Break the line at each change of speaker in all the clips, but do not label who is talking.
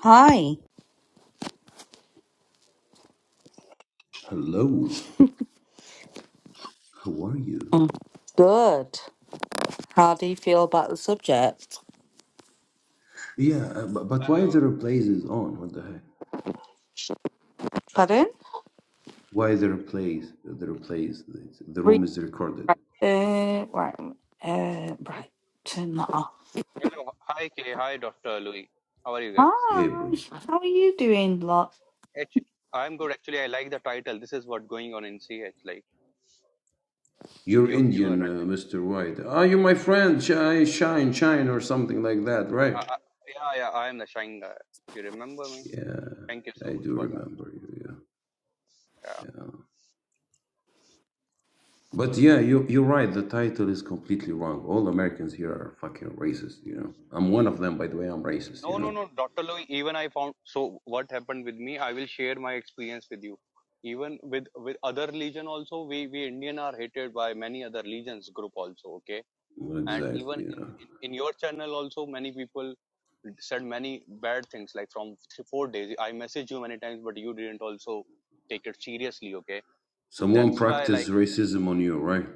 Hi.
Hello, how are you?
Mm, Good. How do you feel about the subject?
Yeah, uh, but, but why
Hello.
the replays is on? What the heck?
Pardon?
Why the replays? The replays. The, the
Re-
room is recorded.
Uh, right. Uh, right. Turn that off.
Hello. Hi, Kay. Hi, Dr. Louis. How are you guys?
Hey, bro.
Hi. How are you doing, lot?
Actu I'm good. Actually, I like the title. This is what's going on in CH. Like,
You're
you, you are
Indian, uh,
right.
Mr. White. Are you my friend? Shine, shine, shine, or something like that,
Uh,
right?
uh, yeah, yeah. I am the shine guy. You remember me?
Yeah,
Thank you so
I
much
do
for that.
remember you. Yeah,
Yeah.
yeah. But yeah, you, you're right. The title is completely wrong. All Americans here are fucking racist. You know, I'm one of them. By the way, I'm racist. You
No, no,
know.
no, Dr. Louis. Even I found. So, what happened with me? I will share my experience with you. Even with with other religion also, we we Indian are hated by many other religions group also. Okay.
Well,
and even
Exactly.
in,
Yeah.
in in your channel also many people said many bad things like from three, four days i messaged you many times but you didn't also take it seriously okay
Someone
that's why
practice
like
racism on you, right?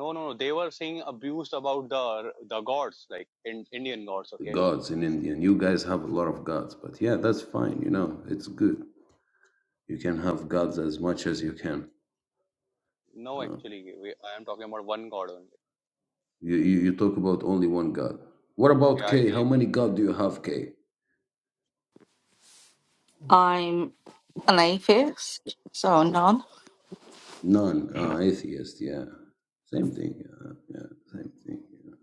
no no no they were saying abused about the the gods like in indian gods
The
okay
gods in India. And you guys have a lot of gods, but yeah, that's fine. You know, it's good. You can have gods as much as you can.
no
Uh,
actually we, i am talking about one god only
you, you you talk about only one god. What about
yeah i
K? How
believe
many god do you have, K?
I'm an atheist, so none.
None. Uh, atheist. Yeah, same thing. Uh, yeah, same thing. yeah.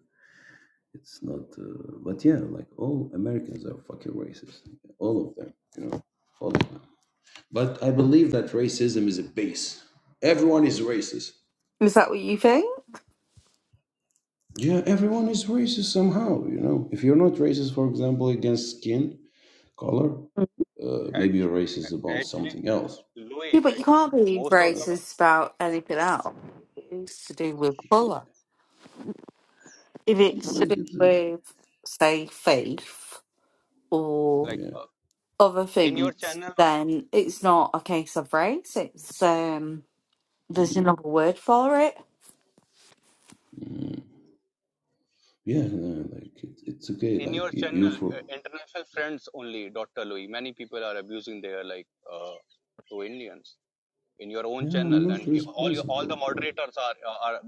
It's not. Uh, but yeah, like all Americans are fucking racist. All of them. You know, all of them. But I believe that racism is a base. Everyone is racist
Is that what you think?
Yeah, everyone is racist somehow. You know, if you're not racist, for example, against skin color, uh, maybe you're racist
act-
about
actually
something else.
louis
Yeah, but you
like
can't be
most of
Uh,
the
racist about anything else. If It's to do with colour. If it's
and
to
like
do
it's a,
with, say, faith or
like
yeah,
uh,
other
in your
things,
channel
then it's not a case of race. It's um, there's
mm,
another word for it.
mm. yeah, no, like it, it's okay.
in
Like
your
you, you
channel,
for
uh, international friends only, Dr. Louis. Many people are abusing their like uh, to Indians in your own
yeah, I'm
channel,
not
and you, all your, all
responsible,
the
bro.
moderators are uh, are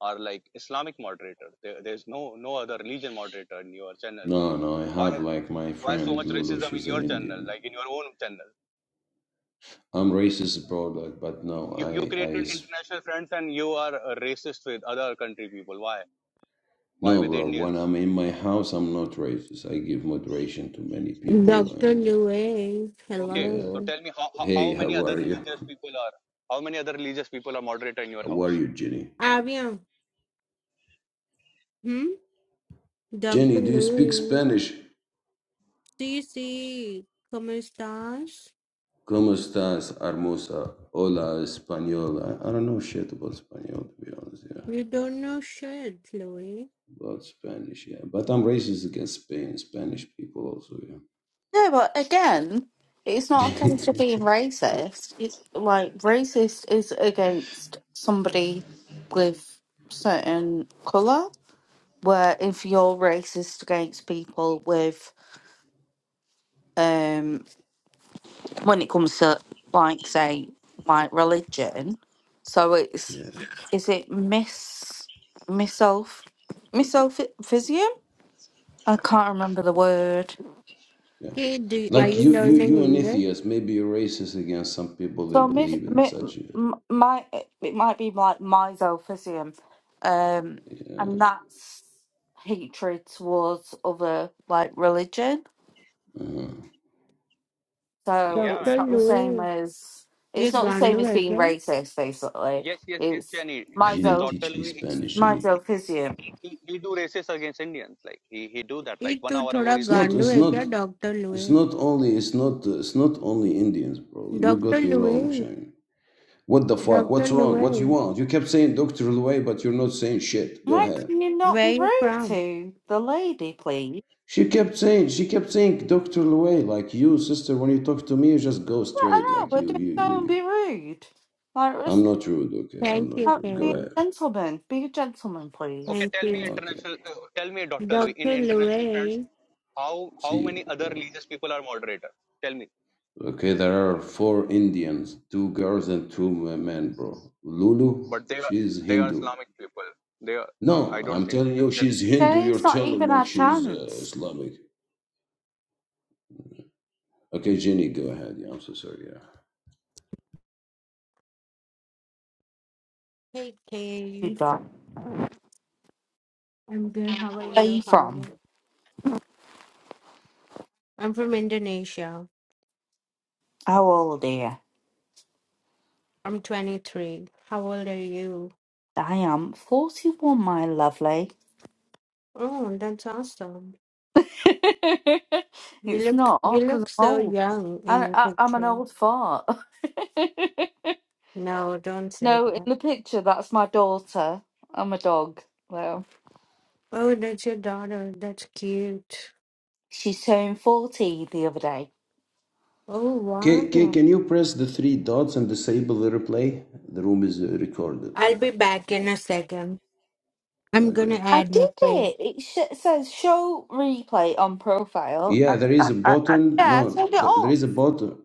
are like Islamic moderators. There, there's no no other religion moderator in your channel.
No, no, I
Why
have like my
why so
friend
much
Lulu.
racism in
She's an
your channel?
Indian.
Like in your own channel,
I'm racist bro. Like, but no,
you, you
I, I,
created
s-
international friends, and you are uh, racist with other country people. Why why
no,
with
bro. When
Indians?
I'm in my house, I'm not racist. I give moderation to many people
Dr.
and. Uh,
Louis,
Okay,
yeah
so
hello.
tell me how how,
Hey,
how
how
many other
are you?
religious people are how many other religious people are moderator in your
How are
house?
you, Jenny?
Ah, bien. Hmm? Dr.
Jenny, do you speak
Louis,
Spanish?
do you see? ¿Cómo estás?
¿Cómo estás, hermosa? Hola, española. I I don't know shit about Spanish, to be honest, yeah.
You don't know shit, Louis.
About Spanish, yeah. But I'm racist against Spain, Spanish people also,
No, but again, it's
yeah.
not a case of being racist. It's like racist is against somebody with certain color. Where if you're racist against people with um. when it comes to like say like religion. So it's
yeah,
is it miss misoph misophysism? I can't remember the word.
yeah.
Hey, do, are
Like
you
you,
It's
you,
learning
you an
English?
atheist. Maybe you're racist against some people that
so mis,
believe in
mi,
such, uh,
m- my it might be like misophysism, um,
yeah.
and that's hatred towards other like religion.
Uh-huh.
So
Yeah,
it's
Dr.
man.
not the same
Louis,
as
ये
it's not the same
गांडू
as
है
being
क्या?
racist. Basically,
Yes, yes, yes,
it's
Jenny. This this
Jenny,
Doctor
teach me
Louis,
Spanish,
My
Jenny.
he,
Delphisium.
he he he do racist against Indians. Like he he do that.
ये
Like one
तू
hour ago,
थोड़ा
It's
he's saying
not.
गांडू
It's
something.
है
not.
क्या, Dr.
It's
Louis?
not only it's not it's not only Indians, bro. You
Dr.
got me wrong,
Louis,
Shane. What the fuck?
Dr.
What's wrong? What you
Louis,
want? You kept saying Dr. Louay, but you're not saying shit. Go
Why
ahead.
can you not be
where you
rude
from?
to the lady, please?
She kept saying she kept saying Dr. Louay, like you, sister. When you talk to me, you just go
I
straight,
don't
like
know, but
you,
just
you,
don't
you.
be rude. Like, res-
I'm not rude, okay? I'm
Thank
not
you,
uh,
rude. Go
be a
Kay.
ahead.
gentleman. Be a gentleman,
Okay,
please.
Thank
tell me
you.
Okay.
international. Uh, tell me, Doctor Louis, in
Dr.
international friends,
Louis.
how how
See you.
many other
Yeah.
religious people are moderator? Tell me.
Okay, there are four Indians, two girls and two men, bro. Lulu,
But they are
she's
they are
Hindu.
Islamic people. They are.
No,
I don't
I'm
think.
telling
So.
you,
Tell me.
she's Hindu.
Then
You're
not
telling
even
like
a
she's uh,
chance.
Islamic. Okay, Jenny, go ahead. Yeah, I'm so sorry. Yeah.
Hey,
You
Kay.
do Where
I'm good. How are
are
you,
you from?
hon? I'm from Indonesia.
How old are you?
I'm 23. How old are you?
I am 41, my lovely.
Oh, that's awesome. You
it's
look
not,
you
because
look
I'm
so
old.
young in
I,
your
I, I'm an
picture.
old fart.
No, don't say
no, in
that.
the picture, that's my daughter. I'm a dog. Well,
Oh, that's your daughter. That's cute.
She turned 40 the other day.
Oh,
Okay, can,
wow.
can you press the three dots and disable the replay? The room is uh, recorded.
I'll be back in a second. I'm gonna
Okay.
I
add your
did
face.
it. It sh- says show replay on profile. I,
Yeah, there
I,
is a
I, I-
button.
yeah, I
No,
turned it
there, there
off.
is a button.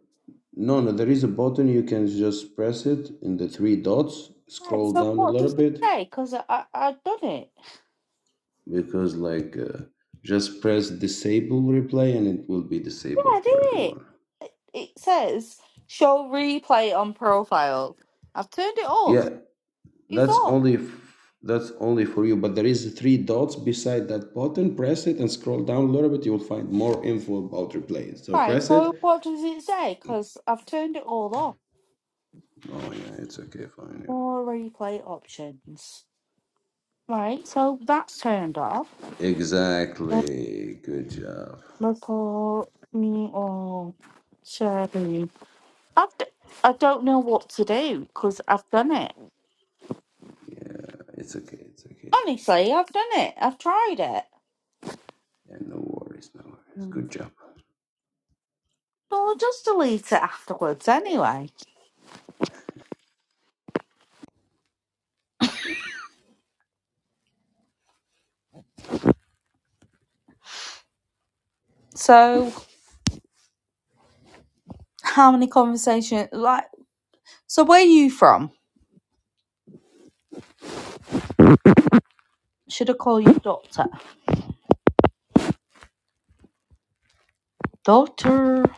No, no, there is a button. You can just press it in the three dots.
Right,
Scroll
so
down a
what
little
does it
bit
say? Because I, I, I've done it.
because, like, uh, just press disable replay and it will be
Yeah,
disabled
I
for
did it.
everyone.
It says show replay on profile. I've turned it off.
Yeah,
It's
That's
off.
only f- that's only for you. But there is three dots beside that button. Press it and scroll down a little bit. You will find more info about replay. So
Right,
press
so
it.
what does it say? Because I've turned it all off.
Oh yeah, it's okay. Fine. Yeah.
More replay options. Right, so that's turned off.
Exactly. Good job.
Look for me or Sherry. I've d- I don't know what to do because I've done it.
Yeah, it's okay. It's okay.
Honestly, I've done it. I've tried it.
Yeah, no worries. No worries.
Mm.
Good job.
Well, I'll just delete it afterwards anyway. So, how many conversations? Like, so where are you from? Should I call you doctor? Doctor.